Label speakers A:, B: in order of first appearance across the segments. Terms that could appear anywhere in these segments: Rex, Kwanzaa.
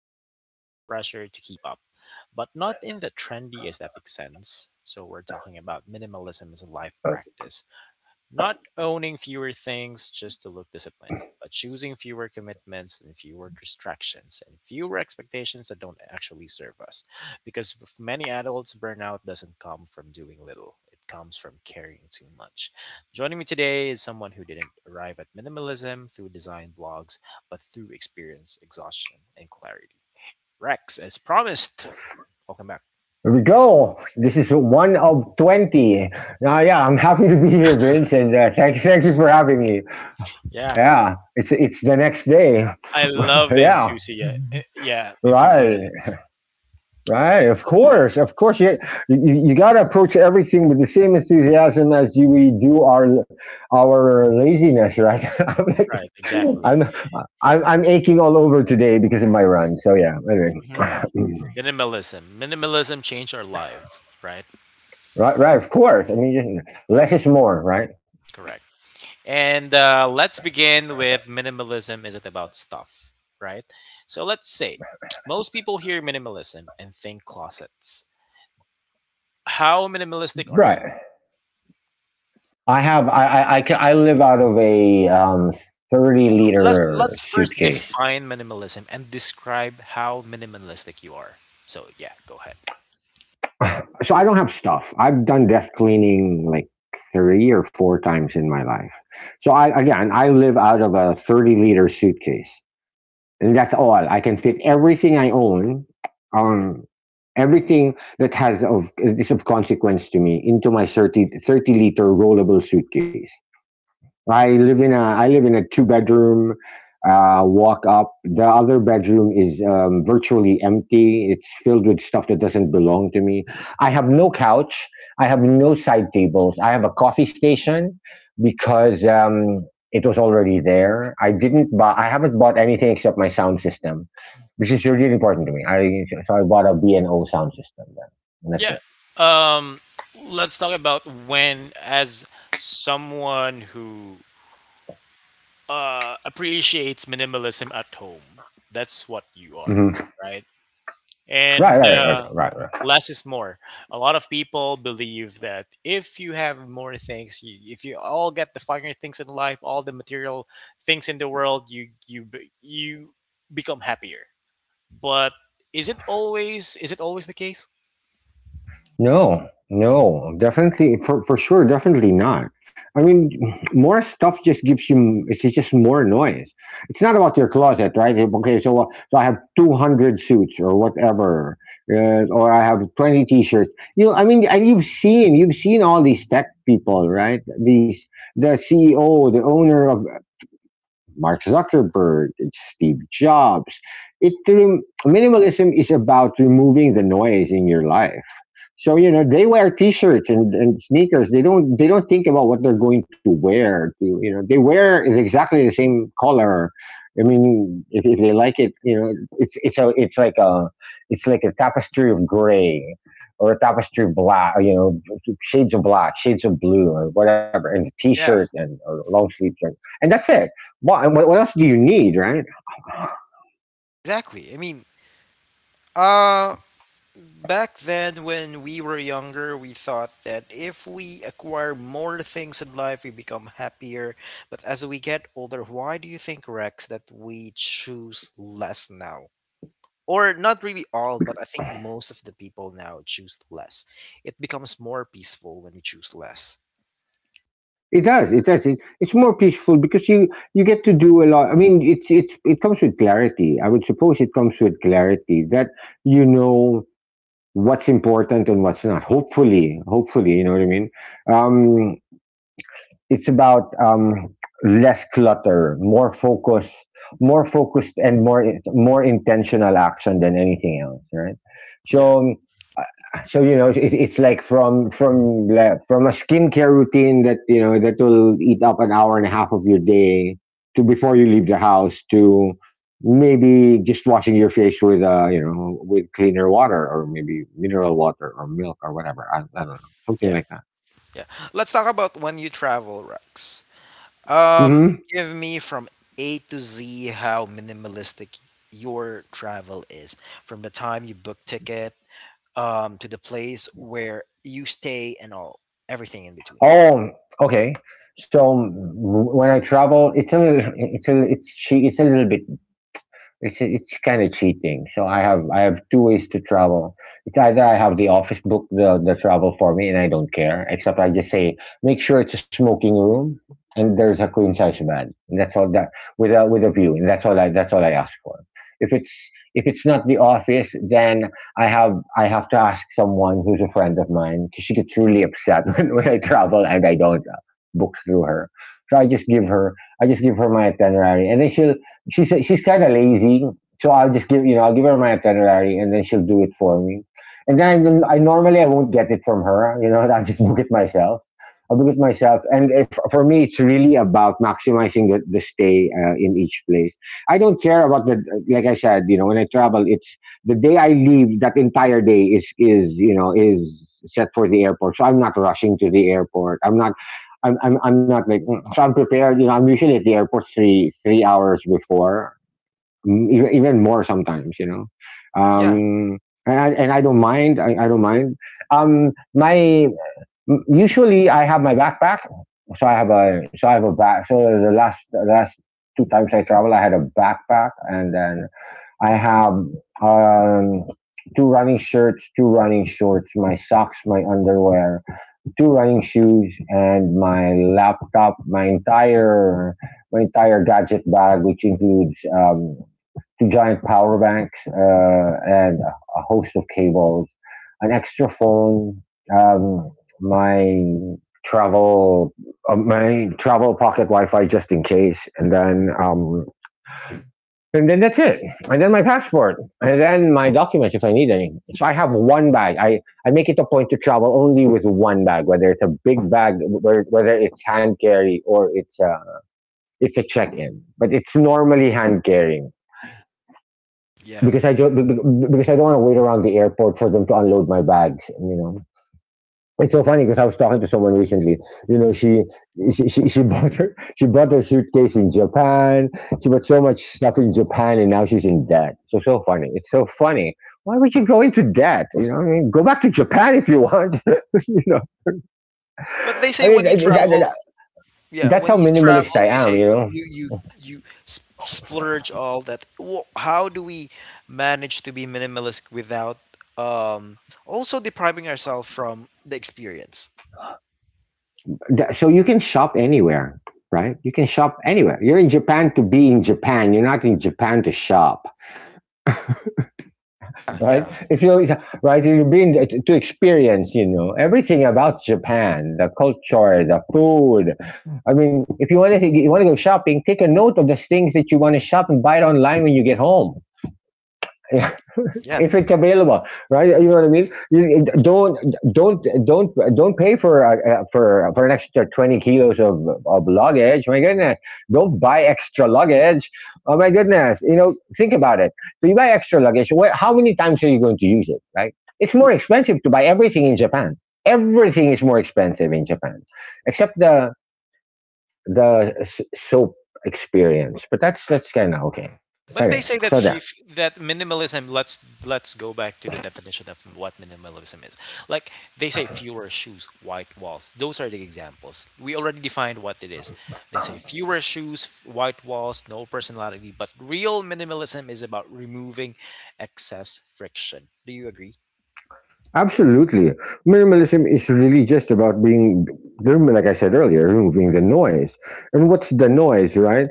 A: clutter, less pressure to keep up, but not in the trendy aesthetic sense. So we're talking about minimalism as a life practice. Not owning fewer things just to look disciplined, but choosing fewer commitments and fewer distractions and fewer expectations that don't actually serve us. Because many adults, burnout doesn't come from doing little, it comes from carrying too much. Joining me today is someone who didn't arrive at minimalism through design blogs, but through experience, exhaustion, and clarity. Rex, as promised, welcome back.
B: Here we go. This is one of 20. Now, yeah, I'm happy to be here, Vince, and thank you for having me.
A: Yeah,
B: Yeah, it's the next day.
A: I love the
B: Yeah,
A: enthusiasm. Yeah,
B: right,
A: enthusiasm.
B: right.
A: Right,
B: Of
A: right,
B: course, of course. Yeah, You got to approach everything with the same enthusiasm as you, we do our laziness, right? I'm like,
A: right, exactly.
B: I'm, I'm aching all over today because of my run. So yeah,
A: Mhm.
B: anyway.
A: Minimalism. Minimalism changed our lives, right?
B: Right, right. Of course. I mean, less is more, right?
A: Correct. And let's begin with minimalism isn't about stuff, right? So let's say most people hear minimalism and think closets. How minimalistic are you?
B: Right. I have live out of a thirty
A: Well, let's
B: liter
A: let's first
B: suitcase,
A: define minimalism and describe how minimalistic you are. So yeah, go ahead.
B: so I don't have stuff. I've done death cleaning like three or four times in my life. So I again I live out of a 30 liter suitcase, and that's all. I can fit everything I own, um, everything that has of is of consequence to me into my 30 30 liter rollable suitcase. I live in a I live in a two bedroom walk up. The other bedroom is virtually empty. It's filled with stuff that doesn't belong to me. I have no couch. I have no side tables. I have a coffee station because it was already there. I didn't buy. I haven't bought anything except my sound system, which is really important to me. I so I bought a B and O sound system. Then. And that's
A: Yeah.
B: it.
A: Um, let's talk about when, as someone who appreciates minimalism at home. That's what you are,
B: hmm
A: right?
B: Right,
A: And
B: right, right, right, right. right.
A: less is more. A lot of people believe that if you have more things, you, if you all get the finer things in life, all the material things in the world, you become happier. But is it always the case?
B: No, no, definitely for sure, definitely not. I mean, more stuff just gives you it's just more noise. It's not about your closet, right? Okay, so so I have 200 suits or whatever, or I have 20 t-shirts. You, know, I mean, and you've seen all these tech people, right? These the CEO, the owner of Mark Zuckerberg, it's Steve Jobs. Minimalism is about removing the noise in your life so you know they wear T-shirts and sneakers. They don't think about what they're going to wear. To, you know they wear is exactly the same color. I mean, if they like it, you know, it's like a it's like a tapestry of gray or a tapestry of black. You know, shades of black, shades of blue, or whatever, and a T-shirt
A: Yeah,
B: and or long sleeve shirt, and that's it. Well, and what else do you need, right?
A: exactly. I mean, uh, back then, when we were younger, we thought that if we acquire more things in life, we become happier. But as we get older, why do you think, Rex, that we choose less now? Or not really all, but I think most of the people now choose less. It becomes more peaceful when you choose less.
B: It does. It does. It, it's more peaceful because you get to do a lot. I mean, it's it comes with clarity. I would suppose it comes with clarity that you know what's important and what's not. Hopefully, hopefully, you know what I mean. Um, it's about less clutter, more focus, more focused and more intentional action than anything else, right?
A: Yeah.
B: So um, so you know it, it's like from like from a skincare routine that you know that will eat up an hour and a half of your day to before you leave the house to maybe just washing your face with you know with cleaner water or maybe mineral water or milk or whatever I don't know something
A: Yeah,
B: like that.
A: yeah. Let's talk about when you travel, Rex. Um,
B: Mm-hmm.
A: Give me from A to Z how minimalistic your travel is, from the time you book ticket, to the place where you stay and all, everything in between.
B: Oh, okay. So when I travel, it's a little, it's a, it's a little bit it's kind of cheating. So I have two ways to travel. It's either I have the office book the travel for me and I don't care, except I just say make sure it's a smoking room and there's a queen size bed. And that's all that with a view, and that's all I ask for. If it's if it's not the office, then I have I have to ask someone who's a friend of mine because she gets really upset when I travel and I don't book through her. So I just give her my itinerary, and then she's kind of lazy, so I'll just give I'll give her my itinerary and then she'll do it for me. And then I normally I won't get it from her. You know, I'll just book it myself. I'll book it myself. And if, for me, it's really about maximizing the stay in each place. I don't care about the like I said. You know, when I travel, it's the day I leave. That entire day is is set for the airport. So I'm not rushing to the airport. I'm not like so I'm prepared. You know, I'm usually at the airport three hours before, even even more sometimes. You know,
A: Yeah,
B: and I don't mind. I don't mind. My usually I have my backpack, so I have a back. So the last two times I travel, I had a backpack, and then I have um, two running shirts, two running shorts, my socks, my underwear, two running shoes, and my laptop, my entire gadget bag, which includes two giant power banks and a host of cables, an extra phone, um, my travel my travel pocket Wi-Fi just in case, and then that's it. And then my passport. And then my documents if I need any. So I have one bag. I make it a point to travel only with one bag, whether it's a big bag, whether, it's hand carry or it's a check-in. But it's normally hand carrying
A: yeah.
B: because I don't want to wait around the airport for them to unload my bags, you know. It's so funny because I was talking to someone recently. You know, she bought her she bought her suitcase in Japan. She bought so much stuff in Japan, and now she's in debt. So so funny. It's so funny. Why would you go into debt? You know, I mean, go back to Japan if you want. you know,
A: But they say
B: I
A: when
B: mean,
A: you travel, yeah,
B: that's
A: when
B: how
A: you
B: minimalist
A: travel,
B: I
A: they
B: am.
A: say
B: You know,
A: splurge all that. How do we manage to be minimalist without um also depriving ourselves from the experience?
B: So you can shop anywhere, right? You can shop anywhere. You're in Japan to be in Japan. You're not in Japan to shop.
A: Yeah,
B: Right?
A: yeah,
B: If you right, you've been to experience, you know, everything about Japan, the culture, the food. I mean, if you want to you want to go shopping, take a note of the things that you want to shop and buy it online when you get home.
A: yeah.
B: If it's available, right? You know what I mean. You, don't pay for for an extra 20 kilos of luggage. My goodness, don't buy extra luggage. Oh my goodness, you know, think about it. So you buy extra luggage. How many times are you going to use it, right? It's more expensive to buy everything in Japan. Everything is more expensive in Japan, except the soap experience. But that's kind of okay.
A: But they
B: Okay,
A: say that
B: so that.
A: fuf that minimalism, let's go back to the definition of what minimalism is. Like they say fewer shoes, white walls. Those are the examples. We already defined what it is. They say fewer shoes, white walls, no personality, but real minimalism is about removing excess friction. Do you agree?
B: Absolutely. Minimalism is really just about being, like I said earlier, removing the noise. And what's the noise, right?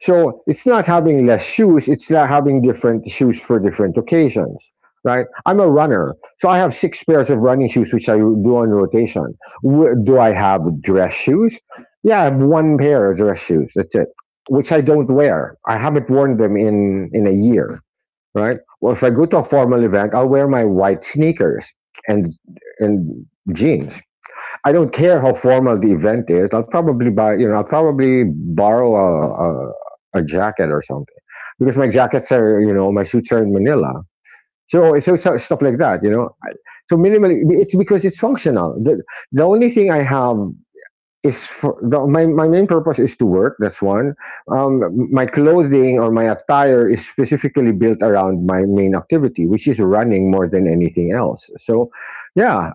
B: So it's not having less shoes, it's not having different shoes for different occasions, right? I'm a runner, so I have six pairs of running shoes, which I do on rotation. Do I have dress shoes? Yeah, I have one pair of dress shoes. That's it, which I don't wear. I haven't worn them in a year, right? Well, if
A: Yeah,
B: I go to a formal event, I'll wear my white sneakers and and jeans. I don't care how formal the event is. I'll probably buy, you know, I'll probably borrow a a jacket or something because my jackets are, you know, my suits are in Manila. So, so so stuff like that, you know. So minimally, it's because it's functional. The only thing I have is for the, my main purpose is to work. That's one. Um, my clothing or my attire is specifically built around my main activity, which is running more than anything else. So, yeah,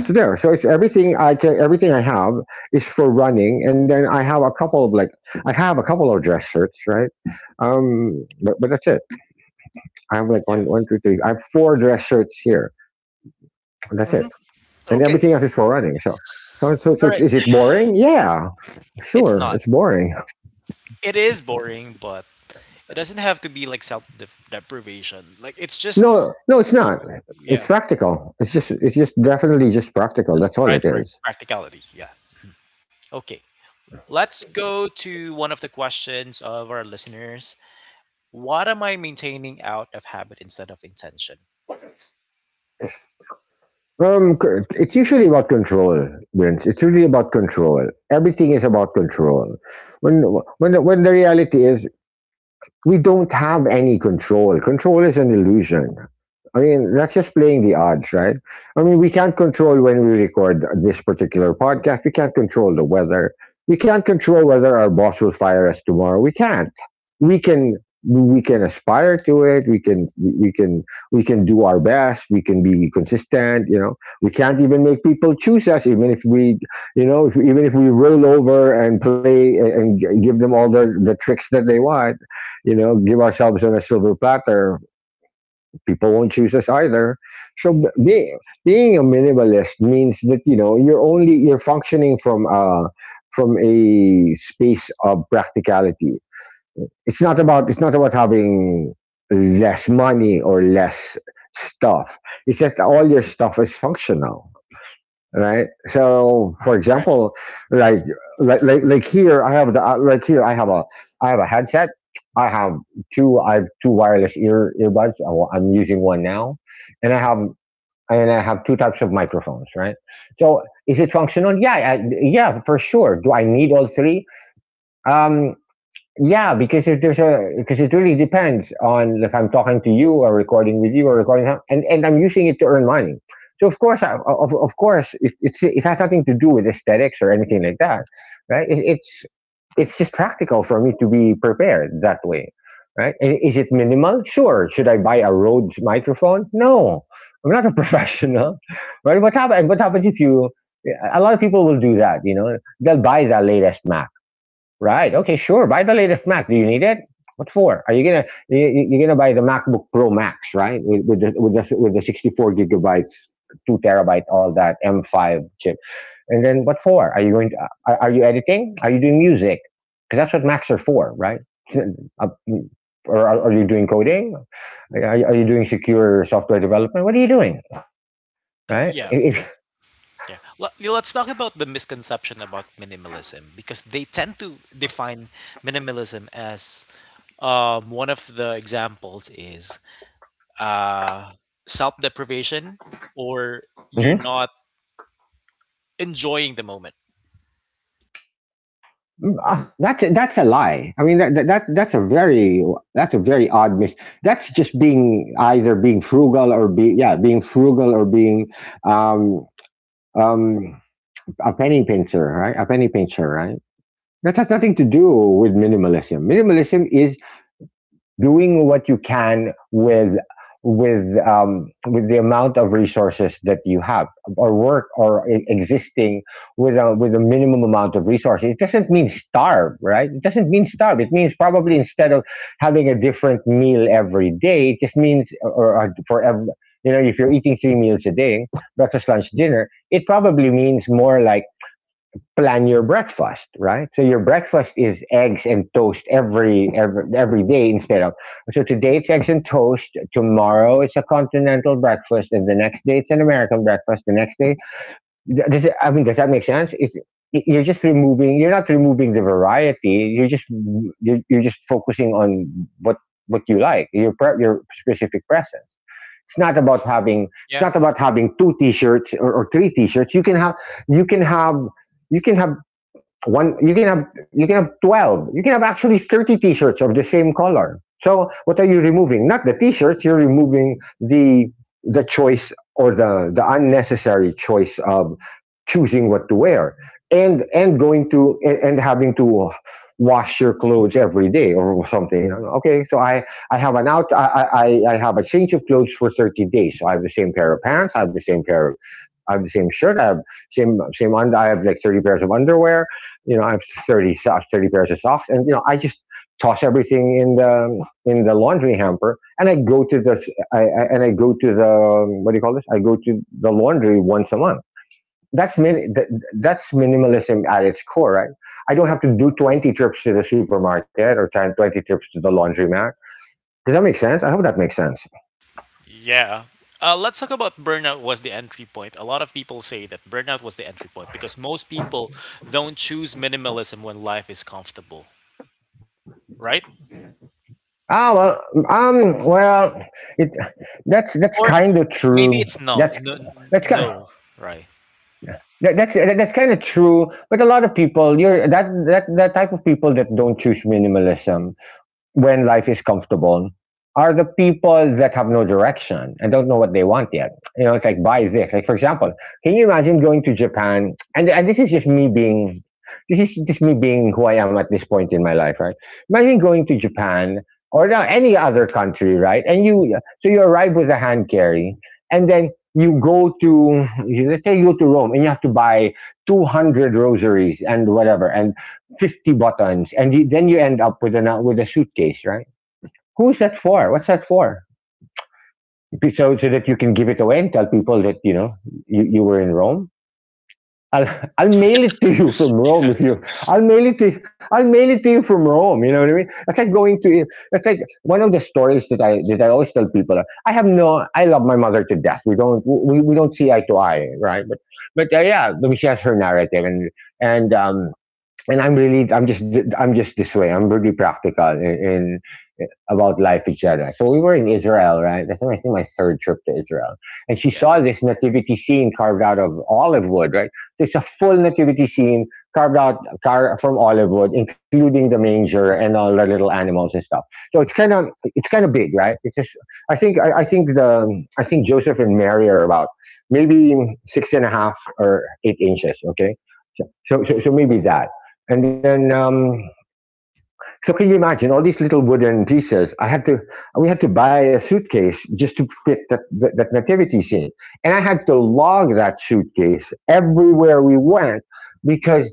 B: it's there. So it's everything I can. Everything I have is for running, and then I have a couple of like I have a couple of dress shirts, right? But that's it. I have like
A: yeah.
B: 1 1 2 3. I have four dress shirts here. That's it,
A: Hmm.
B: and
A: Okay.
B: everything else is for running. So so so
A: All
B: so
A: right.
B: is it boring? Yeah,
A: It's
B: sure,
A: not.
B: it's boring.
A: It is boring, but it doesn't have to be like self deprivation. Like it's just
B: No, no, it's
A: w-
B: not. It's
A: yeah.
B: practical. It's just definitely just practical. That's all it
A: Right, right.
B: is.
A: Practicality. Yeah. Okay. Let's go to one of the questions of our listeners. What am I maintaining out of habit instead of intention?
B: It's usually about control, Vince. It's really about control. Everything is about control. When when the reality is we don't have any control. Control is an illusion. I mean, that's just playing the odds, right? I mean, we can't control when we record this particular podcast. We can't control the weather. We can't control whether our boss will fire us tomorrow. We can't. We can we can aspire to it. We can do our best. We can be consistent. You know, we can't even make people choose us, even if we, you know, if, even if we roll over and play and give them all the tricks that they want, give ourselves on a silver platter, people won't choose us either. So being a minimalist means that you know you're only you're functioning from a space of practicality. It's not about having less money or less stuff. It's just all your stuff is functional, right? So, for example,
A: Correct.
B: like like here, I have the like here I have a headset. I have I have two wireless earbuds. I'm using one now, and I have two types of microphones, right? So, is it functional? Yeah, yeah, for sure. Do I need all three? Um, yeah, because it really depends on if I'm talking to you or recording with you or recording and I'm using it to earn money. So of course, I, of course, it, it's it has nothing to do with aesthetics or anything like that, right? It's just practical for me to be prepared that way, right? And is it minimal? Sure. Should I buy a Rhodes microphone? No, I'm not a professional, right? What happened? What happens if you? A lot of people will do that. They'll buy the latest Mac. Right. Okay. Sure. Buy the latest Mac. Do you need it? What for? Are you gonna you, you- are gonna buy the MacBook Pro Max, right? With the 64 gigabytes, 2 terabyte, all that M5 chip. And then what for? Are you editing? Are you doing music? Because that's what Macs are for, right? Uh, Or are you doing coding? Are you doing secure software development? What are you doing, right?
A: Yeah, yeah, yeah. Let's talk about the misconception about minimalism because they tend to define minimalism as one of the examples is uh, self deprivation or you're
B: If,
A: not enjoying the moment.
B: Mm, ah, that's a lie. I mean that's a very odd mis. That's just being either being frugal or be yeah being frugal or being um um a penny pincher, right. That has nothing to do with minimalism. Minimalism is doing what you can with the amount of resources that you have or work or existing with a minimum amount of resources. It doesn't mean starve, right? It doesn't mean starve. It means probably, instead of having a different meal every day, it just means, or for every you know if you're eating three meals a day, breakfast, lunch, dinner, it probably means more like, plan your breakfast, right? So your breakfast is eggs and toast every day instead of, so today it's eggs and toast, tomorrow it's a continental breakfast, and the next day it's an American breakfast. The next day, I mean, does that make sense? You're just removing. You're not removing the variety. You're just focusing on what what you like. Your specific preference. It's not about having it's
A: Yeah,
B: not about having two T-shirts, or three T-shirts. You can have you can have you can have one. You can have 12. You can have actually 30 t-shirts of the same color. So what are you removing? Not the t-shirts. You're removing the choice, or the unnecessary choice of choosing what to wear, and having to wash your clothes every day or something. Okay, so I have an out I have a change of clothes for 30 days. So I have the same pair of pants. I have the same shirt. I have like 30 pairs of underwear. You know, I have 30 pairs of socks, and I just toss everything in the laundry hamper, and I go to the, what do you call this? I go to the laundry once a month. That's that's minimalism at its core, right? I don't have to do 20 trips to the supermarket or 20 trips to the laundromat. Does that make sense? I hope that makes sense.
A: yeah. Let's talk about burnout was the entry point. A lot of people say that burnout was the entry point because most people don't choose minimalism when life is comfortable, right?
B: Ah, well, well, it that's kind
A: Or
B: of true.
A: maybe it's
B: That's
A: no, no,
B: that's kind
A: no, right?
B: that, that's kind of true. But a lot of people, you're that that that type of people that don't choose minimalism when life is comfortable are the people that have no direction and don't know what they want yet. You know, it's like, buy this. Like, for example, can you imagine going to Japan? And this is just me being who I am at this point in my life, right? Imagine going to Japan or now any other country, right? And you so you arrive with a hand carry, and then you go to let's say you go to Rome, and you have to buy 200 rosaries and whatever, and 50 buttons, and then you end up with a suitcase, right? Who's that for? What's that for? So that you can give it away and tell people that, you were in Rome. I'll, I'll mail it to you from Rome. If you I'll mail it to I'll mail it to you from Rome. You know what I mean? It's like one of the stories that I always tell people. I have no I love my mother to death. We don't see eye to eye, right? But yeah, I mean, she has her narrative and um, and I'm just this way. I'm really practical, and about life, etc. So we were in Israel, right? That's, I think, my third trip to Israel, and she
A: Yeah,
B: saw this nativity scene carved out of olive wood, right? So it's a full nativity scene carved out, from olive wood, including the manger and all the little animals and stuff. So it's kind of big, right? It's just I think the I think Joseph and Mary are about maybe 6.5 or 8 inches, okay? So maybe that, and then. So can you imagine all these little wooden pieces? We had to buy a suitcase just to fit that nativity scene. And I had to log that suitcase everywhere we went, because,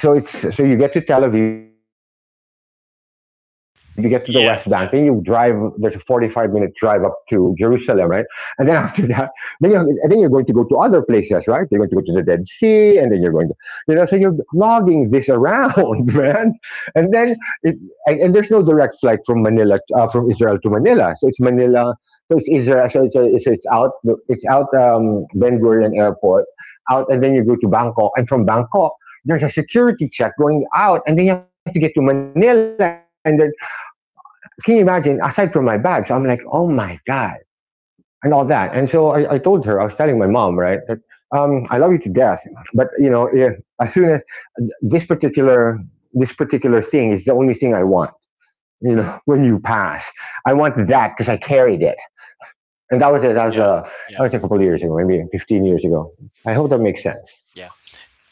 B: so you get to Tel Aviv, you get to the West Bank, then you drive, there's a 45-minute
A: yeah,
B: drive up
A: yeah,
B: to Jerusalem, right? And then after that, then you're going to go to other places, right? You're going to go to the Dead Sea, and then you're going to, you know, so you're logging this around, man. And then it, and there's no direct flight from Israel to Manila. So it's Manila. So it's Israel. So it's out. It's out, Ben Gurion Airport, out, and then you go to Bangkok, and from Bangkok. There's a security check going out, and then you have to get to Manila. And then, can you imagine? Aside from my bags, so I'm like, oh my god, and all that. And so I was telling my mom, right, that I love you to death, but as soon as, this particular this particular thing is the only thing I want, when you pass. I wanted that because I carried it. And that was, a, that, was
A: yeah,
B: a, that
A: yeah,
B: was a couple of years ago, maybe 15 years ago. I hope that makes sense.
A: yeah.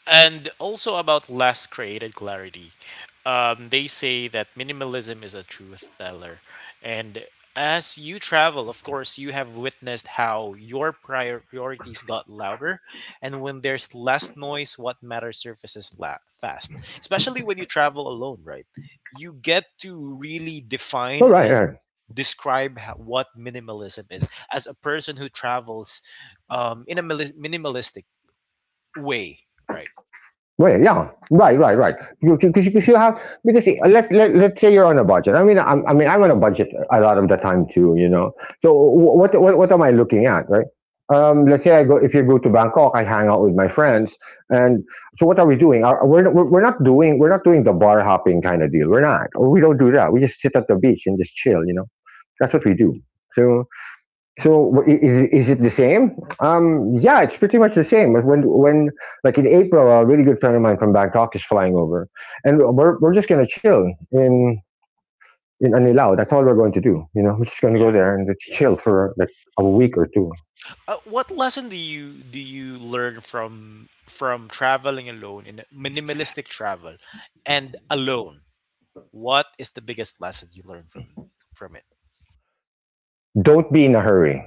A: And also about less created clarity. They say that minimalism is a truth teller. And as you travel, of course, you have witnessed how your prior priorities got louder. And when there's less noise, what matters fast, especially when you travel alone, right? You get to really define
B: All right. All
A: and
B: right.
A: describe what minimalism is as a person who travels in a minimalistic way, right?
B: Well, yeah, right, right, right. You because you, 'cause you have because Let's say you're on a budget. I mean, I'm on a budget a lot of the time too. You know, so what am I looking at, right? Let's say I go if you go to Bangkok, I hang out with my friends, and so what are we doing? Are, we're not doing the bar hopping kind of deal. We're not. We don't do that. We just sit at the beach and just chill. You know, that's what we do. So. So is it the same? Um, yeah, it's pretty much the same. When like in April, a really good friend of mine from Bangkok is flying over, and we're just gonna chill in in Anilao. That's all we're going to do. You know, we're just gonna go there and just
A: Yeah.
B: chill for like a week or two.
A: What lesson do you learn from traveling alone in minimalistic travel and alone? What is the biggest lesson you learn from it?
B: Don't be in a hurry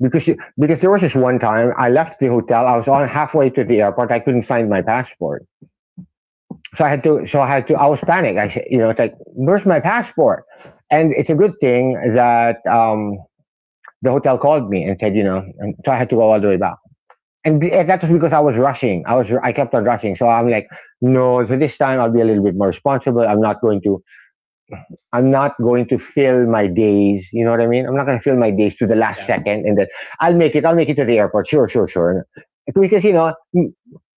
B: because there was this one time I left the hotel. I was on halfway to the airport. I couldn't find my passport, so I had to so I had to. I was panicked. I said, you know, it's like where's my passport? And it's a good thing that. The hotel called me and said, you know, and so I had to go all the way back. And that was because I was rushing. I kept on rushing. So I'm like, no. So this time I'll be a little bit more responsible. I'm not going to fill my days. You know what I mean? I'm not going to fill my days to the last
A: Yeah.
B: second and then I'll make it to the airport. Sure, sure, sure. Because you know,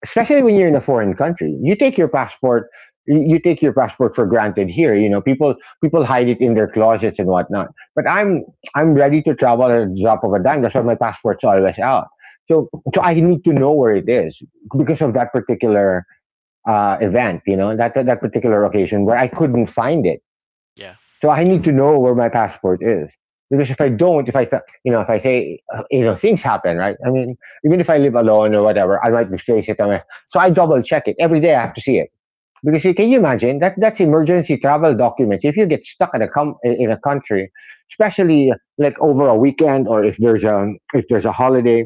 B: especially when you're in a foreign country, you take your passport. You take your passport for granted here. You know, people hide it in their closets and whatnot. But I'm ready to travel at the drop of a dime. That's why my passport's always out. So so I need to know where it is because of that particular event. You know, that particular occasion where I couldn't find it
A: Yeah.
B: so I
A: Yeah.
B: need to know where my passport is. Because if I don't, if I, th- you know, if I say, you know, things happen, right? I mean, even if I live alone or whatever, I might misplace it. So I double check it. Every day I have to see it. Because can you imagine that that's emergency travel documents. If you get stuck in a in a country, especially like over a weekend or if there's a holiday,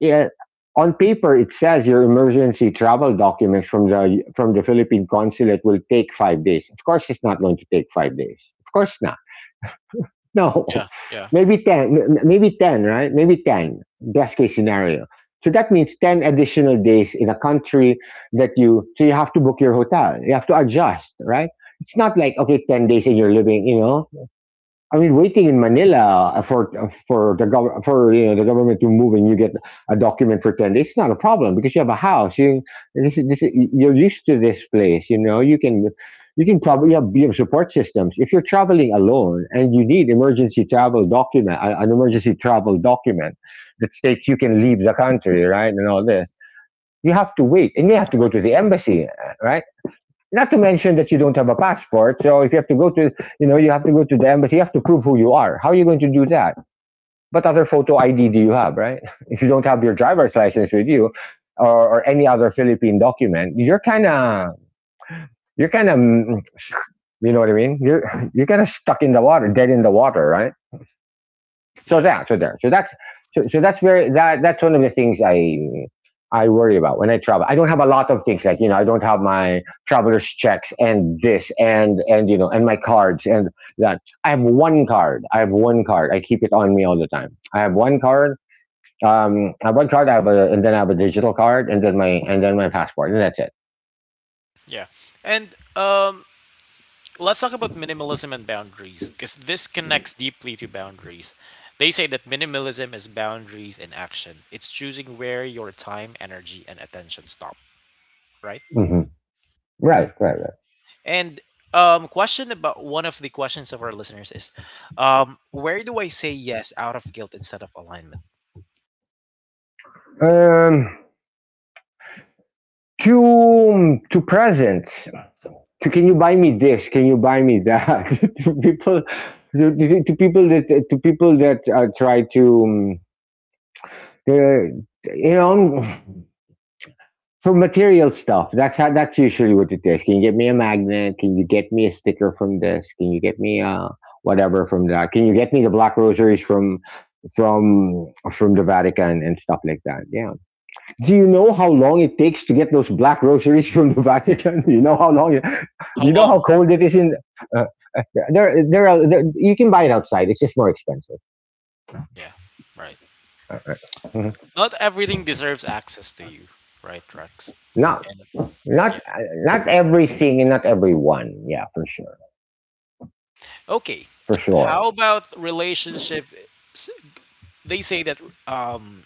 B: yeah, on paper it says your emergency travel documents from the Philippine consulate will take five days. Of course, it's not going to take five days. Of course not. No,
A: Yeah. Yeah.
B: maybe 10, maybe 10, right? Maybe 10, best case scenario. So that means 10 additional days in a country so you have to book your hotel. You have to adjust, right? It's not like, okay, 10 days and you're living, you know, I mean, waiting in Manila for the for you know the government to move and you get a document for 10 days, it's not a problem because you have a house. You this is, you're used to this place. You know you can probably have, you have support systems. If you're traveling alone and you need emergency travel document, an emergency travel document that states you can leave the country, right, and all this, you have to wait and you have to go
A: Correct.
B: to the embassy, right? Not to mention that you don't have a passport. So if you have to go to, you know, you have to go to the embassy, you have to prove who you are. How are you going to do that? What other photo ID do you have, right? If you don't have your driver's license with you or any other Philippine document, you're kind of, mm, you know what I mean? You're kind of stuck in the water, dead in the water, right?
A: Yeah.
B: So that's so that's very that's one of the things I worry about when I travel. I don't have a lot of things like you know I don't have my traveler's checks and this and you know and my cards and that. I have one card. I have one card. I keep it on me all the time. I have one card. I have one card. I have a digital card and then my passport and that's it.
A: Yeah. And let's talk about minimalism and boundaries because this connects deeply to boundaries. They say that minimalism is boundaries in action. It's choosing where your time, energy, and attention stop, right?
B: Hmm. Right, right, right.
A: And question about one of the questions of our listeners is, where do I say yes out of guilt instead of alignment?
B: Um, to to presents. To can you buy me this? Can you buy me that? To people, people that to people that try to, you know, for material stuff. That's how. That's usually what it is. Can you get me a magnet? Can you get me a sticker from this? Can you get me whatever from that? Can you get me the black rosaries from from from the Vatican and stuff like that? Yeah. Do you know how long it takes to get those black rosaries from the Vatican? Do you know how long?
A: How
B: Do you know how
A: long?
B: cold it is in? Uh, uh, there, there are. There, you can buy it outside. It's just more expensive.
A: Yeah, right.
B: Mhm.
A: Not everything deserves access to you, right, Rex?
B: Not,
A: And
B: not,
A: yeah,
B: not everything and not everyone. Yeah, for sure,
A: okay.
B: for sure.
A: How about relationship? s- They say that um,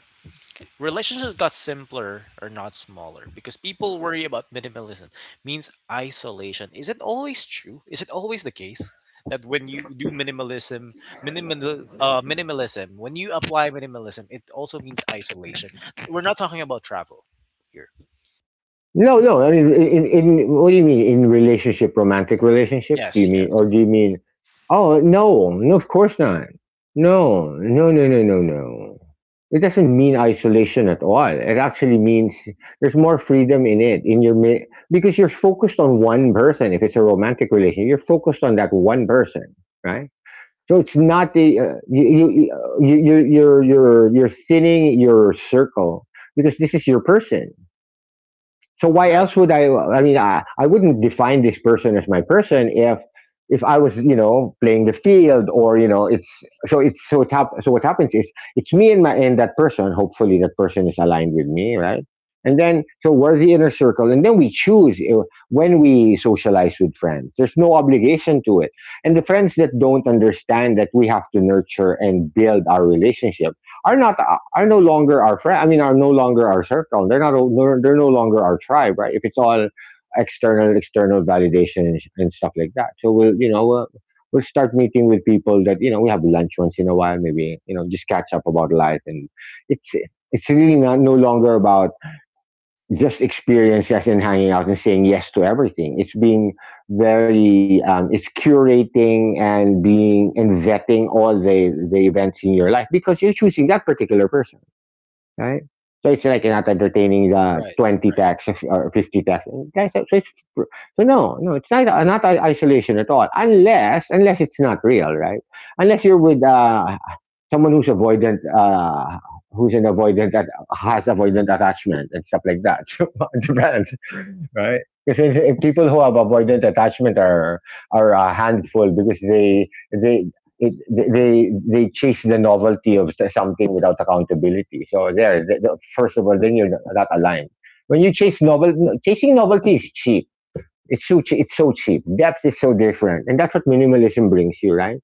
A: relationships got simpler or not smaller because people worry about minimalism means isolation. Is it always true? Is it always the case that when you do minimalism, minimalism, when you apply minimalism, it also means isolation. We're not talking about travel here.
B: No, no. I mean, in what do you mean in relationship, romantic relationships? Do you
A: Yes, yes.
B: mean, or do you mean? Oh no, no, of course not. No, no, no, no, no, no. It doesn't mean isolation at all. It actually means there's more freedom in it in because you're focused on one person. If it's a romantic relationship, you're focused on that one person, right? So it's not the you you you're you're thinning your circle because this is your person so why
A: Right,
B: else would I? I mean, I wouldn't define this person as my person if I was you know playing the field or you know it's so top. So what happens is it's me and my and that person. Hopefully, that person is aligned with me, right? And then so we're the inner circle, and then we choose when we socialize with friends. There's no obligation to it, and the friends that don't understand that we have to nurture and build our relationship are not are no longer our friend. I mean, are no longer our circle. They're not. They're no longer our tribe, right? If it's all external, external validation and stuff like that. So we'll, you know, we'll start meeting with people that you know we have lunch once in a while, maybe you know, just catch up about life, and it's it's really not no longer about just experiences and hanging out and saying yes to everything. It's being very, it's curating and being and vetting all the events in your life because you're choosing that particular person right? So it's like you're not entertaining the
A: right,
B: 20
A: right.
B: tax or 50 tax. Guys, so no, no, it's not, not isolation at all. Unless it's not real, right? Unless you're with someone who's avoidant, who's an avoidant that has avoidant attachment and stuff like that. It depends, right? Because if people who have avoidant attachment are a handful because they they. They chase the novelty of something without accountability. First of all, then you're not aligned. When you chase novel, no, Chasing novelty is cheap. It's so cheap. Depth is so different, and that's what minimalism brings you, right?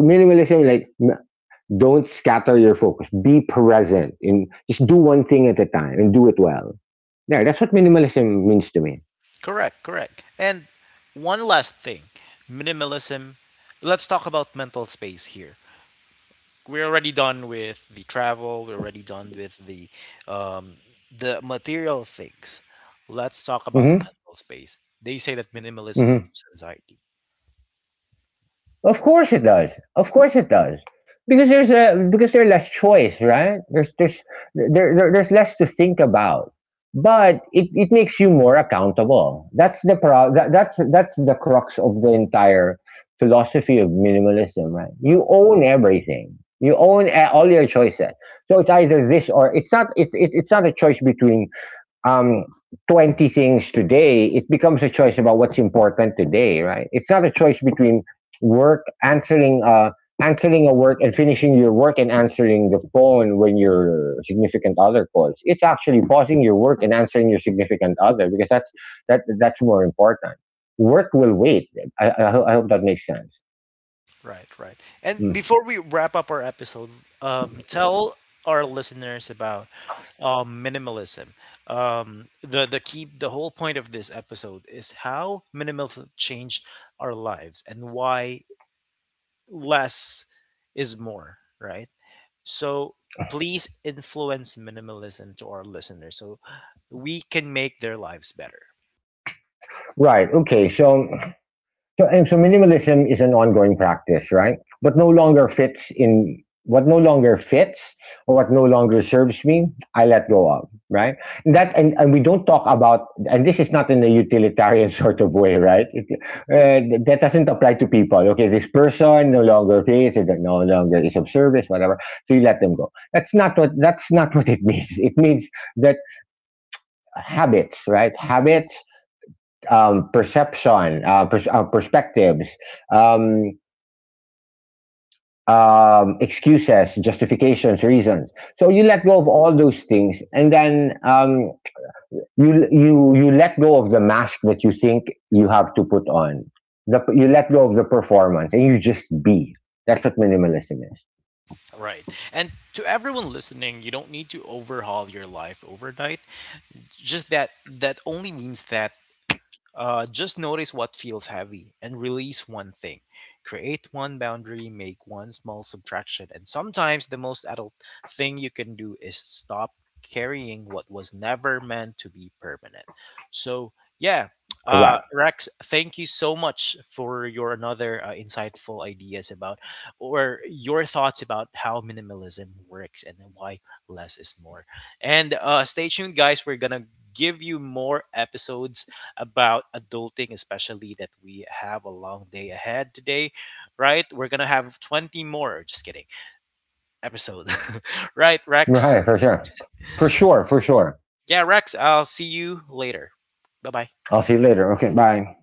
B: Minimalism, like don't scatter your focus. Be present. In Just do one thing at a time and do it well. Yeah, that's what minimalism means to me.
A: Correct, correct. And one last thing, minimalism. Let's talk about mental space here. We're already done with the travel. We're already done with um, the material things. Let's talk about
B: Mm-hmm.
A: mental space. They say that minimalism
B: Mm-hmm.
A: reduces anxiety.
B: Of course it does. Of course it does. Because there's less choice, right? There's there, there There's less to think about. It makes you more accountable. That's the crux of the entire philosophy of minimalism, right? You own everything. You own all your choices. So it's either this or it's not. It's not a choice between um, 20 things today, it becomes a choice about what's important today, right? It's not a choice between work, answering a work and finishing your work and answering the phone when your significant other calls. It's actually pausing your work and answering your significant other because that's more important. Work will wait. I hope that makes sense.
A: Right, right. And
B: Mm.
A: before we wrap up our episode, tell our listeners about minimalism, the key, the whole point of this episode is how minimalism changed our lives and why less is more, right? So please influence minimalism to our listeners so we can make their lives better.
B: Right. Okay. So minimalism is an ongoing practice, right? What no longer fits or what no longer serves me, I let go of, right? And we don't talk about, and this is not in a utilitarian sort of way, right? That doesn't apply to people. Okay, this person no longer fits, it no longer is of service, whatever. So you let them go. That's not what it means. It means that habits, right? Habits perspectives, um, excuses, justifications, reasons. So you let go of all those things, and then you let go of the mask that you think you have to put on. You let go of the performance, and you just be. That's what minimalism is.
A: Right. And to everyone listening, you don't need to overhaul your life overnight. Just that that only means that, just notice what feels heavy and release one thing. Create one boundary, make one small subtraction, and sometimes the most adult thing you can do is stop carrying what was never meant to be permanent. So, yeah,
B: Correct.
A: Rex, thank you so much for your another insightful ideas about or your thoughts about how minimalism works and why less is more. And stay tuned, guys. We're gonna give you more episodes about adulting, especially that we have a long day ahead today, right? We're gonna have 20 more, just kidding, episode. Right, Rex?
B: Right. For sure. For sure. For sure.
A: Yeah, Rex, I'll see you later. Bye bye.
B: I'll see you later. Okay. Bye.